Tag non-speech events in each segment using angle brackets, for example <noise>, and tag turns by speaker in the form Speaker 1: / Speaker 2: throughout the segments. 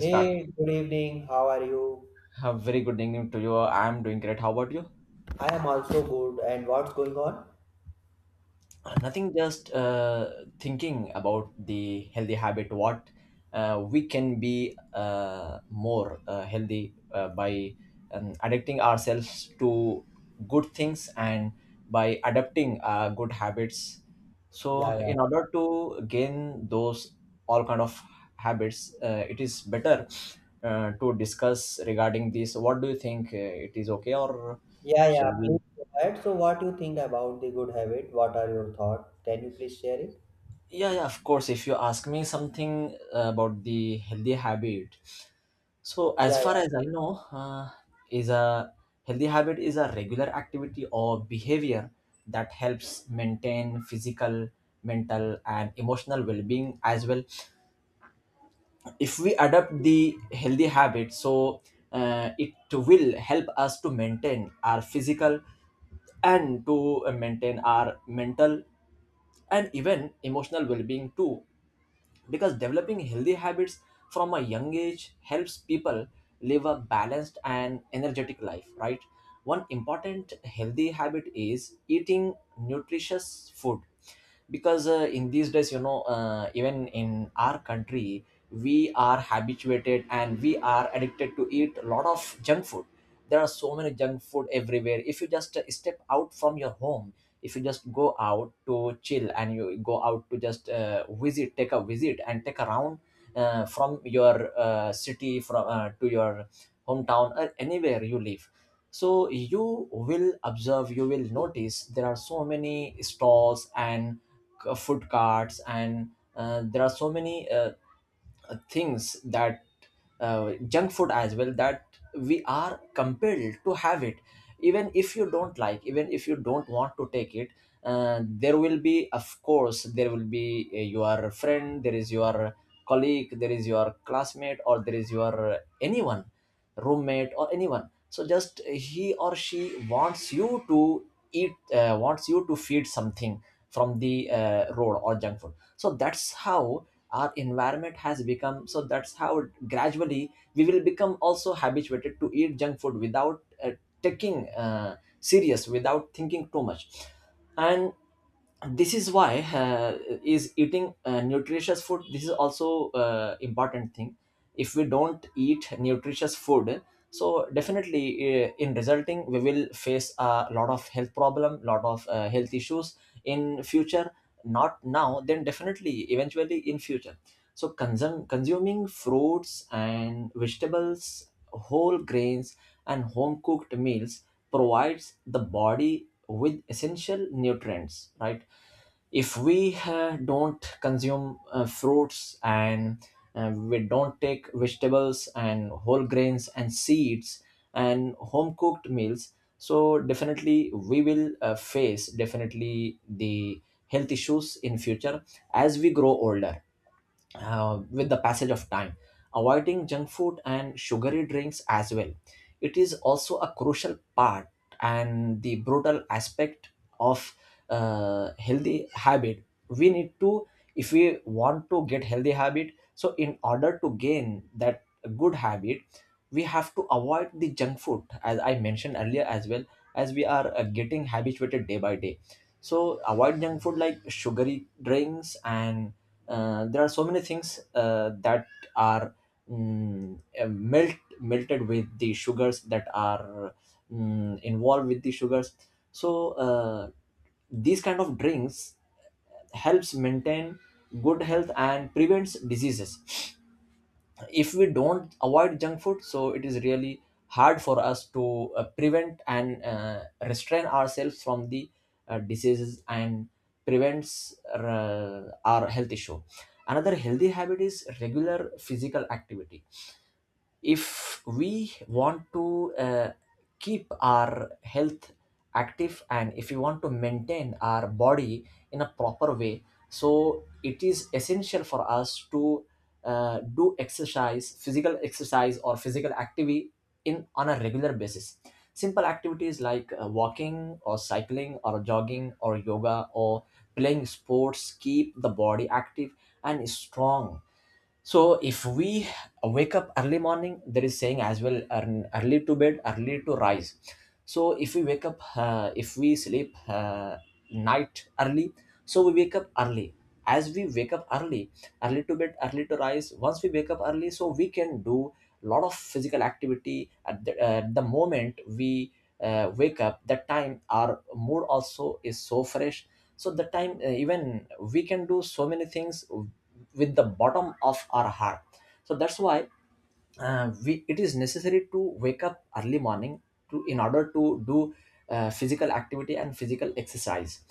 Speaker 1: Start.
Speaker 2: Hey, good evening. How are you?
Speaker 1: A very good evening to you. I'm doing great. How about you?
Speaker 2: I am also good. And what's going on?
Speaker 1: Nothing, just thinking about the healthy habit, what we can be more healthy by addicting ourselves to good things and by adapting good habits.
Speaker 2: Yeah,
Speaker 1: So,
Speaker 2: yeah.
Speaker 1: in order to gain those all kind of habits, it is better to discuss regarding this. What do you think? It is okay, or
Speaker 2: Yeah, yeah.
Speaker 1: shall
Speaker 2: Please
Speaker 1: we?
Speaker 2: go ahead. So, what you think about the good habit? What are your thoughts? Can you please share it?
Speaker 1: Yeah, yeah, of course. If you ask me something about the healthy habit, so as
Speaker 2: Yeah,
Speaker 1: far as I know, is a healthy habit is a regular activity or behavior that helps maintain physical, mental, and emotional well-being as well. If we adopt the healthy habit, so it will help us to maintain our physical and to maintain our mental and even emotional well-being too, because developing healthy habits from a young age helps people live a balanced and energetic life, right? One important healthy habit is eating nutritious food, because in these days, even in our country, we are habituated and we are addicted to eat a lot of junk food. There are so many junk food everywhere if you just step out from your home. If you just go out to chill and you go out to just visit, take a visit and take a round from your city, from to your hometown or anywhere you live. So you will observe, you will notice there are so many stalls and food carts, and there are so many things that junk food as well that we are compelled to have it. Even if you don't like, even if you don't want to take it, there will be, of course there will be your friend, there is your colleague, there is your classmate, or there is your anyone, roommate or anyone, so just he or she wants you to eat, wants you to feed something from the road or junk food. So that's how our environment has become, so that's how gradually we will become also habituated to eat junk food without taking serious, without thinking too much. And this is why is eating nutritious food, this is also important thing. If we don't eat nutritious food, so definitely in resulting we will face a lot of health problem, lot of health issues in future, not now, then definitely eventually in future. So consuming fruits and vegetables, whole grains, and home cooked meals provides the body with essential nutrients, right? If we don't consume fruits and we don't take vegetables and whole grains and seeds and home cooked meals, so definitely we will face definitely the health issues in future, as we grow older, with the passage of time, avoiding junk food and sugary drinks as well. It is also a crucial part and the brutal aspect of healthy habit. We need to, if we want to get healthy habit, so in order to gain that good habit, we have to avoid the junk food, as I mentioned earlier as well, as we are getting habituated day by day. So avoid junk food like sugary drinks and there are so many things that are melted with the sugars, that are involved with the sugars. So these kind of drinks helps maintain good health and prevents diseases. If we don't avoid junk food, so it is really hard for us to prevent and restrain ourselves from the diseases and prevents our health issue. Another healthy habit is regular physical activity. If we want to keep our health active and if we want to maintain our body in a proper way, so it is essential for us to do exercise, physical exercise or physical activity, in on a regular basis. Simple activities like walking or cycling or jogging or yoga or playing sports keep the body active and strong. So if we wake up early morning, there is saying as well, early to bed, early to rise. So if we wake up if we sleep night early, so we wake up early, as we wake up early, early to bed, early to rise. Once we wake up early, so we can do lot of physical activity at the moment we wake up. That time, our mood also is so fresh. So the time even we can do so many things with the bottom of our heart. So that's why we it is necessary to wake up early morning to, in order to do physical activity and physical exercise.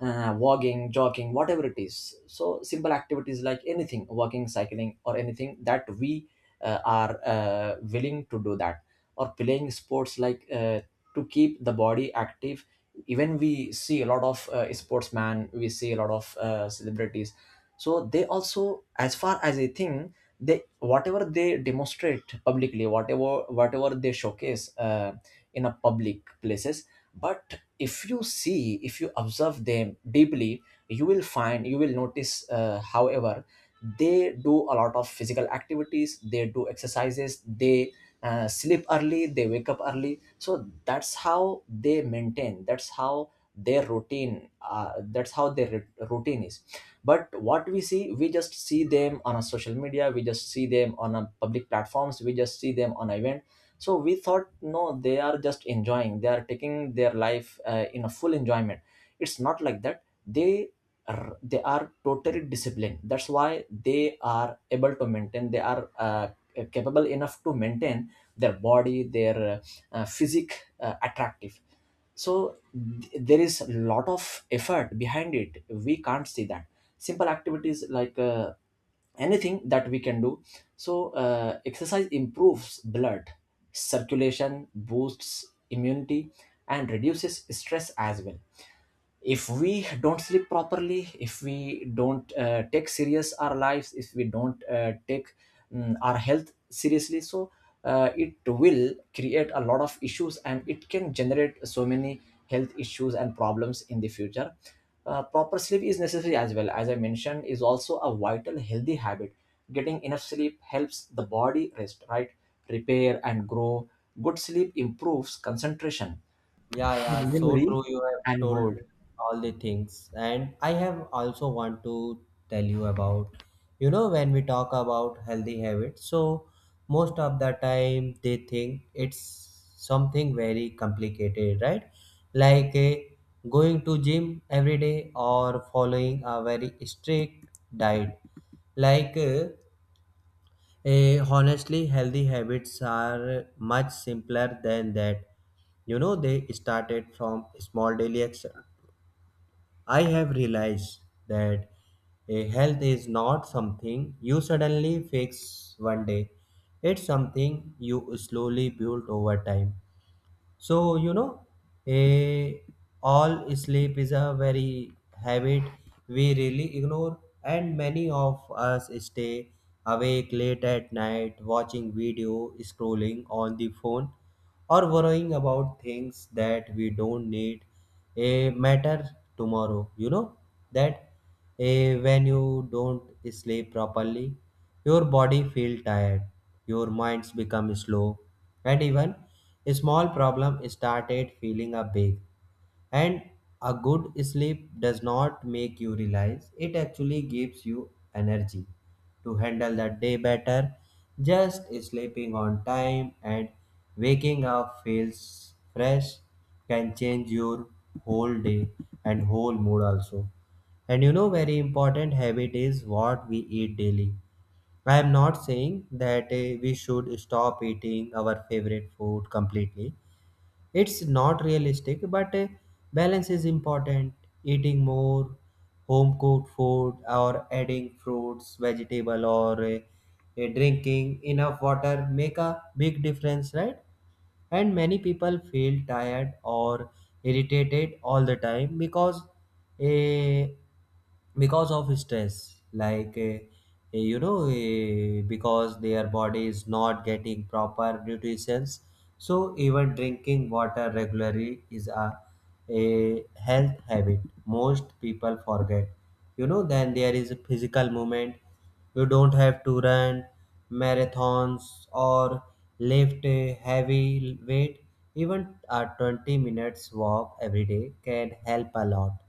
Speaker 1: walking, jogging, whatever it is, so simple activities like anything, walking, cycling, or anything that we are willing to do that, or playing sports like to keep the body active. Even we see a lot of sportsmen, we see a lot of celebrities, so they also, as far as I think, they, whatever they demonstrate publicly, whatever they showcase in a public places. But if you see, if you observe them deeply, you will find, you will notice however they do a lot of physical activities, they do exercises, they sleep early, they wake up early. So that's how they maintain, that's how their routine, that's how their routine is. But what we see, we just see them on a social media, we just see them on a public platforms, we just see them on event. So we thought, no, they are just enjoying, they are taking their life in a full enjoyment. It's not like that. They are totally disciplined. That's why they are able to maintain, they are capable enough to maintain their body, their physique attractive. So there is a lot of effort behind it. We can't see that. Simple activities like anything that we can do. So exercise improves blood circulation, boosts immunity, and reduces stress as well. If we don't sleep properly, if we don't take serious our lives, if we don't take our health seriously, so it will create a lot of issues and it can generate so many health issues and problems in the future. Proper sleep is necessary as well, as I mentioned, is also a vital healthy habit. Getting enough sleep helps the body rest, right, repair and grow. Good sleep improves concentration,
Speaker 2: yeah, yeah, so
Speaker 1: memory,
Speaker 2: true. You have
Speaker 1: and
Speaker 2: told
Speaker 1: mood.
Speaker 2: all the things, and I have also want to tell you about, you know, when we talk about healthy habits, so most of the time they think it's something very complicated, right? Like going to gym every day or following a very strict diet. Like uh, Honestly, healthy habits are much simpler than that. You know, they started from small daily action. I have realized that a health is not something you suddenly fix one day. It's something you slowly build over time. So, you know, a all sleep is a very habit we really ignore, and many of us stay awake late at night watching video, scrolling on the phone, or worrying about things that we don't need a matter tomorrow. You know that a when you don't sleep properly, your body feel tired, your minds become slow, and even a small problem started feeling a big. And a good sleep does not make you realize, it actually gives you energy to handle the day better. Just sleeping on time and waking up feels fresh can change your whole day and whole mood also. And you know, very important habit is what we eat daily. I am not saying that we should stop eating our favorite food completely, it's not realistic, but balance is important. Eating more home cooked food or adding fruits vegetable or drinking enough water make a big difference, right? And many people feel tired or irritated all the time uh, because of stress, like you know, because their body is not getting proper nutrition. So even drinking water regularly is a health habit most people forget. You know, then there is a physical movement. You don't have to run marathons or lift a heavy weight. Even a 20 minutes walk every day can help a lot.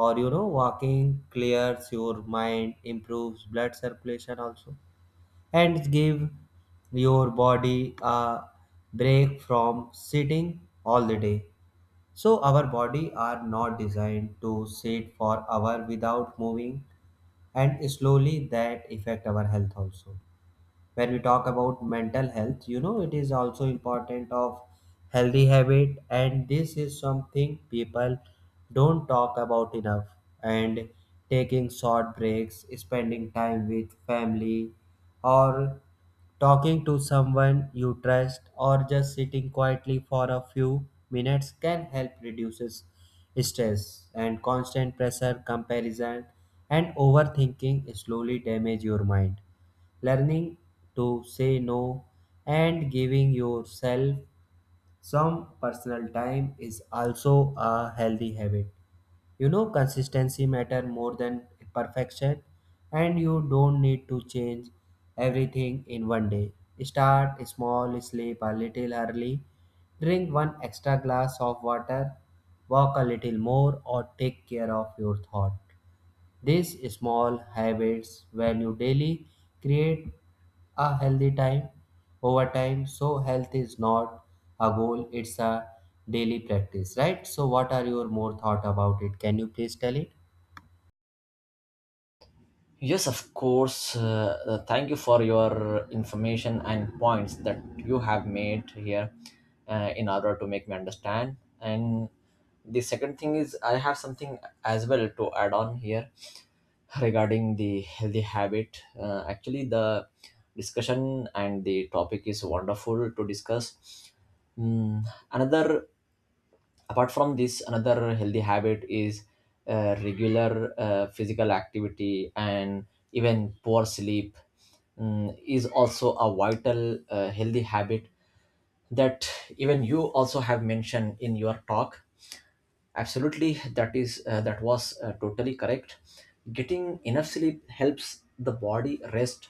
Speaker 2: Or you know, walking clears your mind, improves blood circulation also, and give your body a break from sitting all the day. So our body are not designed to sit for hour without moving, and slowly that affect our health also. When we talk about mental health, you know, it is also important of healthy habit, and this is something people don't talk about enough. And taking short breaks, spending time with family, or talking to someone you trust, or just sitting quietly for a few minutes can help reduces stress, and constant pressure, comparison, and overthinking slowly damage your mind. Learning to say no and giving yourself some personal time is also a healthy habit. You know, consistency matter more than perfection, and you don't need to change everything in one day. Start small, sleep a little early, drink one extra glass of water, walk a little more, or take care of your thought. These small habits, when you daily, create a healthy time over time. So, health is not a goal, it's a daily practice, right? So, what are your more thought about it? Can you please tell it?
Speaker 1: Yes, of course. Thank you for your information and points that you have made here in order to make me understand. And the second thing is, I have something as well to add on here regarding the healthy habit. Actually, the discussion and the topic is wonderful to discuss. Mm, Another, apart from this, another healthy habit is regular physical activity. And even poor sleep is also a vital healthy habit that even you also have mentioned in your talk. Absolutely, that is that was totally correct. Getting enough sleep helps the body rest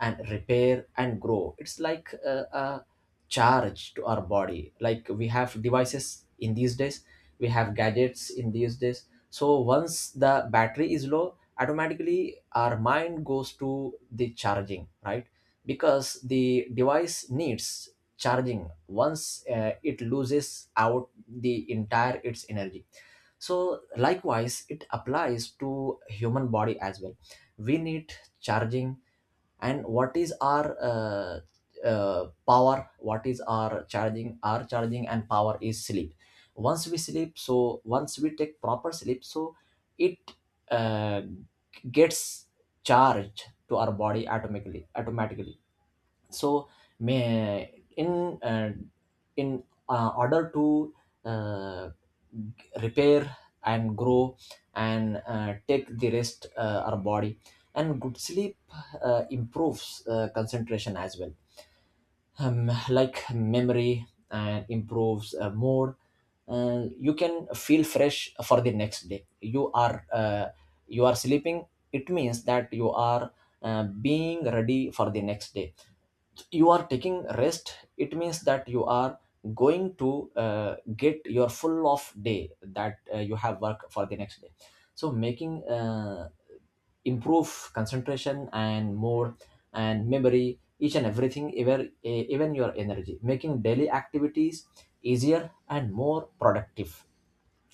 Speaker 1: and repair and grow. It's like a charge to our body. Like we have devices in these days, we have gadgets in these days. So once the battery is low, automatically our mind goes to the charging, right? Because the device needs charging. Once it loses out the entire its energy, so likewise it applies to human body as well. We need charging. And what is our power? What is our charging? Our charging and power is sleep. Once we sleep, so once we take proper sleep, so it uh, gets charged to our body automatically. So, may in order to uh, repair and grow, and take the rest, our body. And good sleep improves concentration as well, like memory, and improves mood. And you can feel fresh for the next day. You are sleeping, it means that you are being ready for the next day. You are taking rest, it means that you are going to get your full off day, that you have work for the next day. So making, improve concentration and mood and memory, each and everything, even your energy, making daily activities easier and more productive.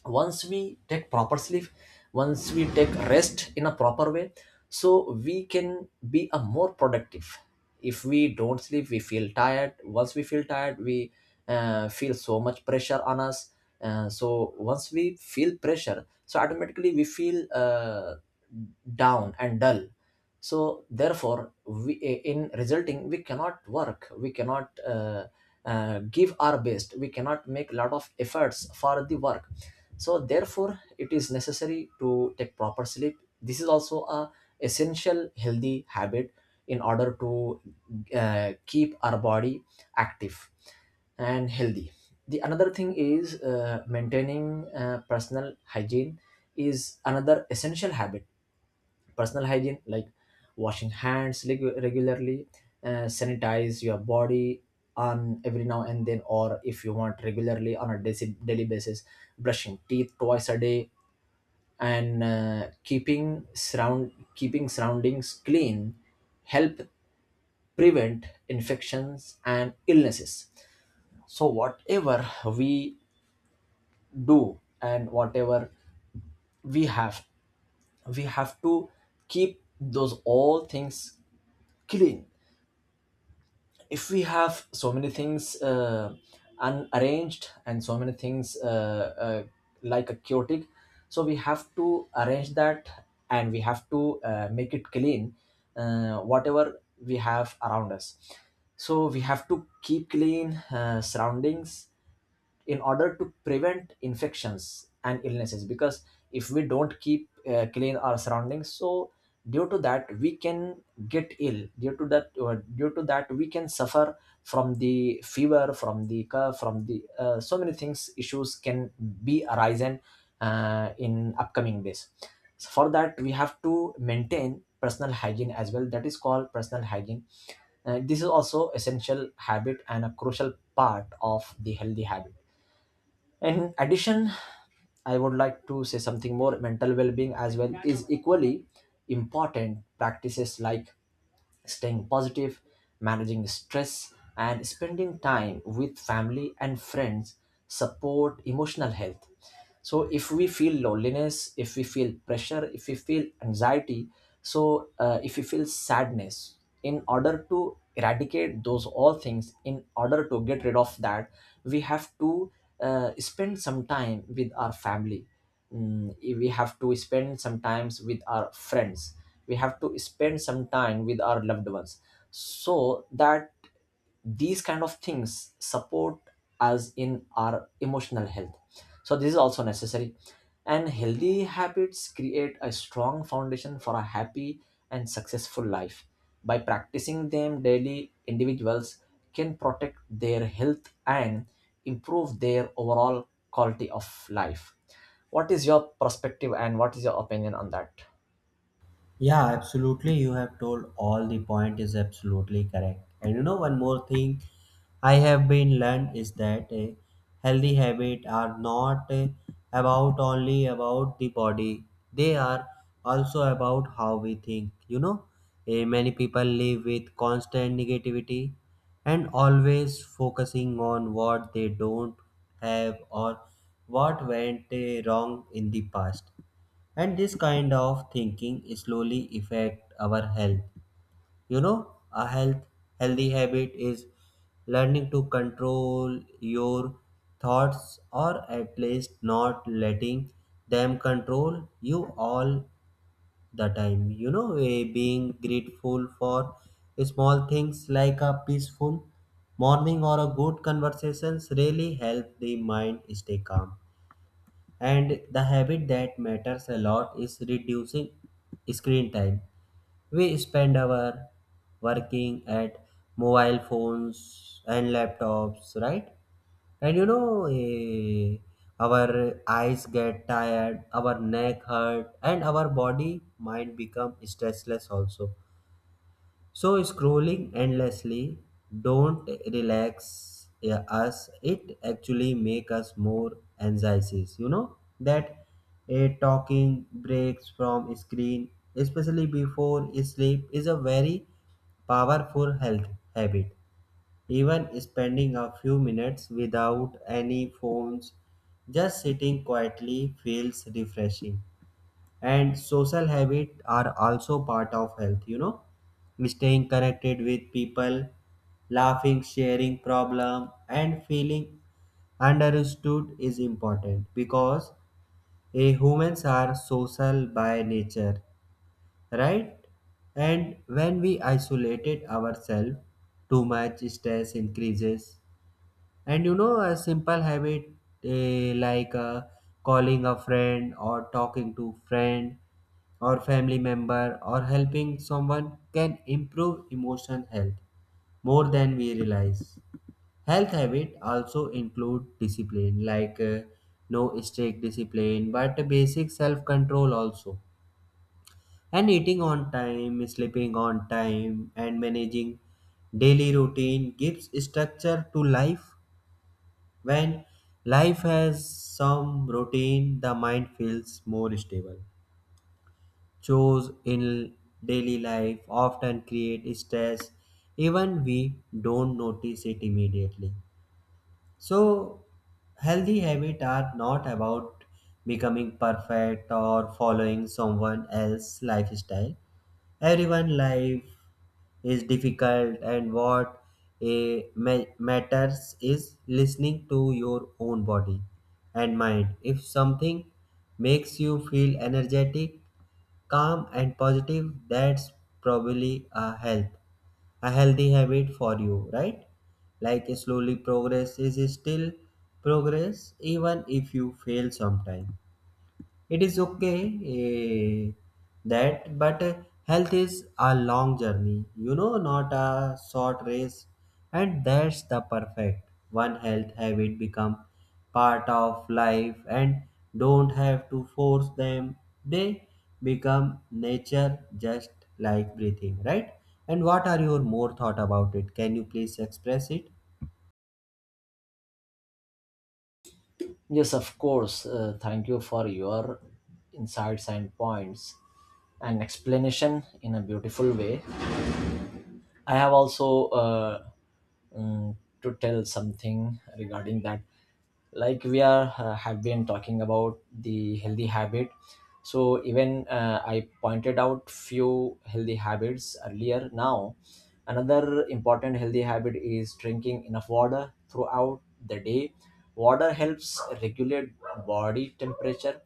Speaker 1: Once we take proper sleep, once we take rest in a proper way, so we can be a more productive. If we don't sleep, we feel tired. Once we feel tired, we feel so much pressure on us. So once we feel pressure, so automatically we feel down and dull. So therefore in resulting, we cannot work, we cannot give our best, we cannot make lot of efforts for the work. So therefore it is necessary to take proper sleep. This is also a essential healthy habit in order to keep our body active and healthy. The another thing is maintaining personal hygiene, is another essential habit. Personal hygiene like washing hands regularly, sanitize your body on every now and then, or if you want regularly on a daily basis, brushing teeth twice a day, and keeping surroundings clean, help prevent infections and illnesses. So whatever we do and whatever we have, we have to keep those all things clean. If we have so many things unarranged, and so many things, like a chaotic, so we have to arrange that, and we have to make it clean, whatever we have around us. So we have to keep clean surroundings in order to prevent infections and illnesses, because if we don't keep clean our surroundings, so due to that we can get ill. Due to that we can suffer from the fever, from the cough, from the, so many things, issues can be arisen in upcoming days. So for that we have to maintain personal hygiene as well. That is called personal hygiene. This is also essential habit and a crucial part of the healthy habit. In addition, I would like to say something more. Mental well being as well is equally important. Practices like staying positive, managing stress, and spending time with family and friends support emotional health. So, if we feel loneliness, if we feel pressure, if we feel anxiety, if we feel sadness, in order to eradicate those all things, in order to get rid of that, we have to spend some time with our family. Mm, we have to spend some times with our friends, we have to spend some time with our loved ones, so that these kind of things support us in our emotional health. So this is also necessary. And healthy habits create a strong foundation for a happy and successful life, by practicing them daily individuals can protect their health and improve their overall quality of life. What is your perspective and what is your opinion on that?
Speaker 2: Yeah, absolutely. You have told all the point is absolutely correct. And you know, one more thing I have been learned is that healthy habit are not about only about the body. They are also about how we think. You know, many people live with constant negativity and always focusing on what they don't have or what went wrong in the past, and this kind of thinking slowly affect our health. You know, a health, healthy habit is learning to control your thoughts, or at least not letting them control you all the time. You know, being grateful for small things like a peaceful morning or a good conversations really help the mind stay calm. And the habit that matters a lot is reducing screen time. We spend our working at mobile phones and laptops, right? And you know, our eyes get tired, our neck hurt, and our body mind become stressless also. So scrolling endlessly don't relax us. It actually make us more anxieties. You know that a talking breaks from screen, especially before sleep, is a very powerful health habit. Even spending a few minutes without any phones, just sitting quietly feels refreshing. And social habits are also part of health, you know, staying connected with people, laughing, sharing problem and feeling understood is important, because humans are social by nature, right? And when we isolated ourselves too much, stress increases. And you know, a simple habit like calling a friend or talking to friend or family member or helping someone can improve emotional health more than we realize. Health habit also include discipline, like no strict discipline but a basic self control also. And eating on time, sleeping on time and managing daily routine gives structure to life. When life has some routine, the mind feels more stable. Chores in daily life often create stress, even we don't notice it immediately. So healthy habits are not about becoming perfect or following someone else's lifestyle. Everyone life is difficult, and what matters is listening to your own body and mind. If something makes you feel energetic, calm and positive, that's probably a health, a healthy habit for you, right? Like slowly progress is still progress. Even if you fail sometime, it is okay. eh, that, but eh, Health is a long journey, you know, not a short race, and that's the perfect one health habit become part of life and don't have to force them. They become nature just like breathing, right? And what are your more thought about it? Can you please express it?
Speaker 1: Yes, of course. Thank you for your insights and points and explanation in a beautiful way. I have also, mm, to tell something regarding that. Like we are, have been talking about the healthy habit. So even I pointed out few healthy habits earlier. Now another important healthy habit is drinking enough water throughout the day. Water helps regulate body temperature,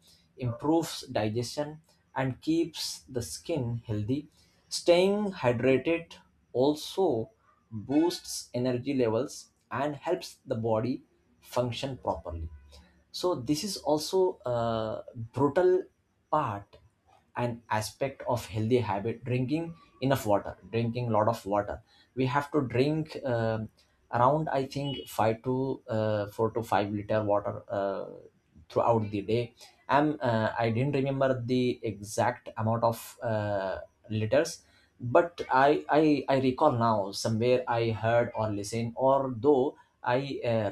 Speaker 1: improves digestion, and keeps the skin healthy. Staying hydrated also boosts energy levels and helps the body function properly. So this is also a brutal part, an aspect of healthy habit, drinking enough water, drinking lot of water. We have to drink, around I think 5 to 4 to 5 liter water throughout the day. I didn't remember the exact amount of uh, liters, but I recall now somewhere I heard or listened or though I uh,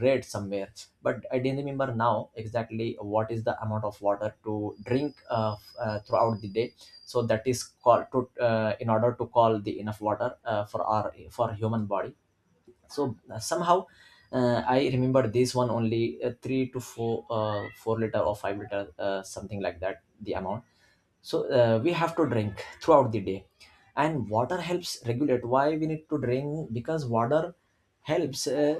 Speaker 1: read somewhere, but I didn't remember now exactly what is the amount of water to drink throughout the day. So that is called to, in order to call the enough water for our for human body. So somehow I remember this one only, 3 to 4 4 liter or 5 liter, something like that, the amount. So we have to drink throughout the day. And water helps regulate. Why we need to drink? Because water helps uh,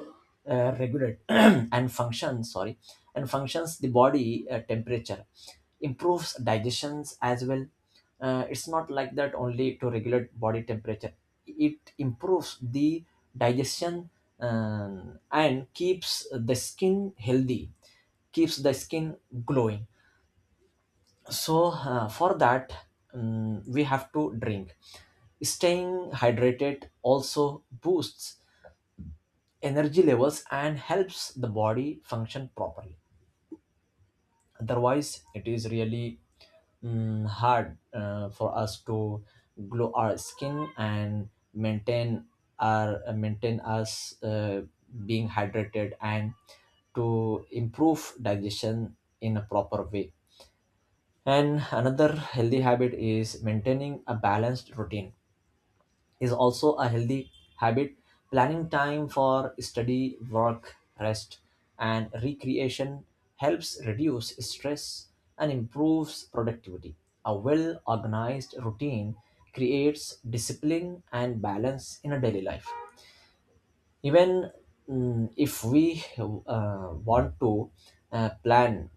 Speaker 1: uh, regulate <clears throat> and function, sorry, and functions the body temperature, improves digestions as well. It's not like that only to regulate body temperature, it improves the digestion, and keeps the skin healthy, keeps the skin glowing. So for that, we have to drink. Staying hydrated also boosts energy levels and helps the body function properly. Otherwise it is really hard for us to glow our skin and maintain us being hydrated, and to improve digestion in a proper way. And another healthy habit is maintaining a balanced routine, is also a healthy habit. Planning time for study, work, rest, and recreation helps reduce stress and improves productivity. A well organized routine creates discipline and balance in a daily life. Even, if we want to plan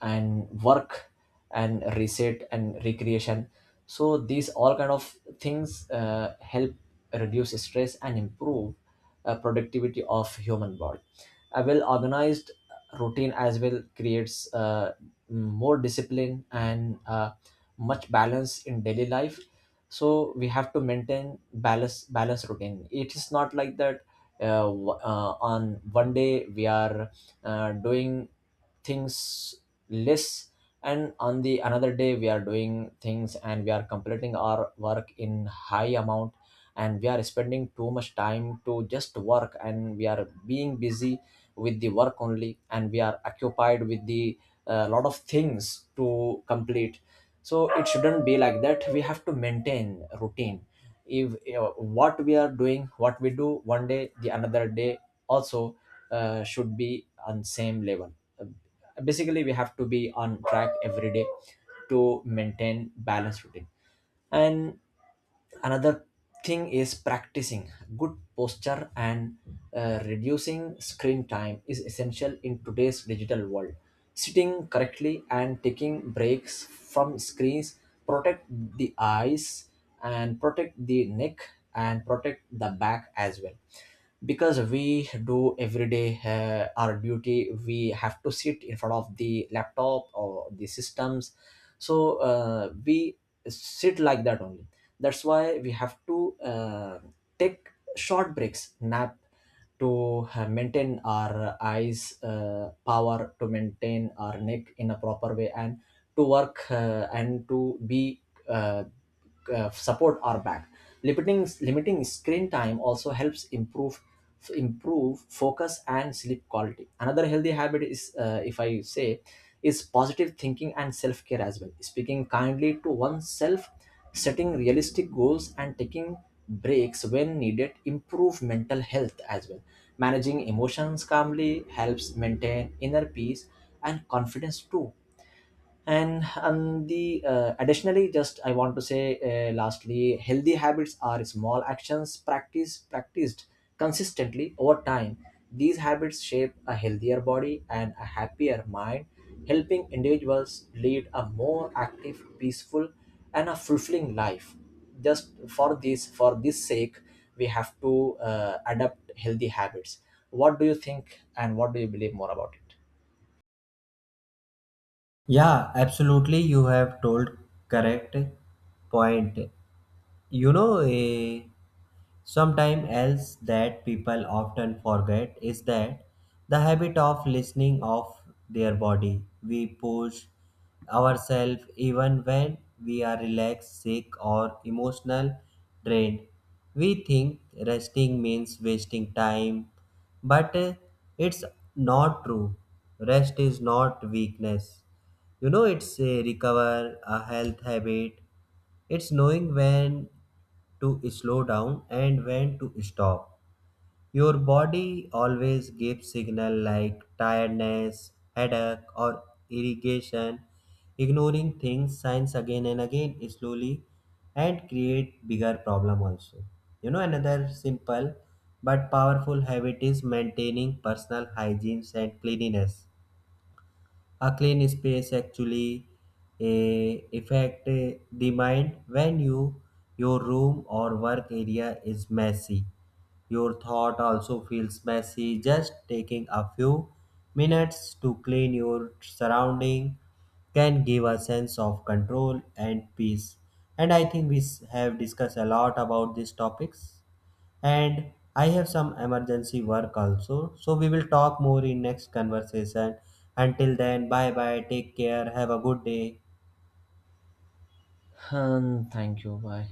Speaker 1: and work and reset and recreation, so these all kind of things help reduce stress and improve productivity of human body. A well organized routine as well creates more discipline and much balance in daily life. So we have to maintain balance routine. It is not like that, on one day we are doing things less, and on the another day we are doing things and we are completing our work in high amount, and we are spending too much time to just work, and we are being busy with the work only, and we are occupied with the, lot of things to complete. So it shouldn't be like that. We have to maintain routine. If you what we are doing, what we do one day, the another day also should be on same level. Uh, basically we have to be on track every day to maintain balanced routine. And another thing is practicing good posture, and reducing screen time is essential in today's digital world. Sitting correctly and taking breaks from screens protect the eyes, and protect the neck, and protect the back as well. Because we do every day, our duty, we have to sit in front of the laptop or the systems. So we sit like that only. That's why we have to take short breaks nap, to maintain our eyes power, to maintain our neck in a proper way, and to work and to be, uh, support our back. Limiting screen time also helps improve focus and sleep quality. Another healthy habit is, if I say, is positive thinking and self care as well. Speaking kindly to oneself, setting realistic goals, and taking breaks when needed improve mental health as well. Managing emotions calmly helps maintain inner peace and confidence too. And the, additionally, just I want to say, lastly, healthy habits are small actions practiced consistently over time. These habits shape a healthier body and a happier mind, helping individuals lead a more active, peaceful, and a fulfilling life. Just for this, for this sake, we have to adopt healthy habits. What do you think and what do you believe more about it?
Speaker 2: Yeah, absolutely. You have told correct point. You know, a, sometime else that people often forget is that the habit of listening of their body, we push ourselves even when we are relaxed, sick or emotional drained. We think resting means wasting time, but it's not true. Rest is not weakness. You know, it's a recover, a health habit. It's knowing when to slow down and when to stop. Your body always gives signal like tiredness, headache, or irrigation. Ignoring things signs again and again slowly and create bigger problem also. You know, another simple but powerful habit is maintaining personal hygiene and cleanliness. A clean space actually affect the mind. When you your room or work area is messy, your thought also feels messy. Just taking a few minutes to clean your surrounding can give a sense of control and peace. And I think we have discussed a lot about these topics, and I have some emergency work also. So we will talk more in next conversation. Until then, bye bye, take care, have a good day.
Speaker 1: Thank you, bye.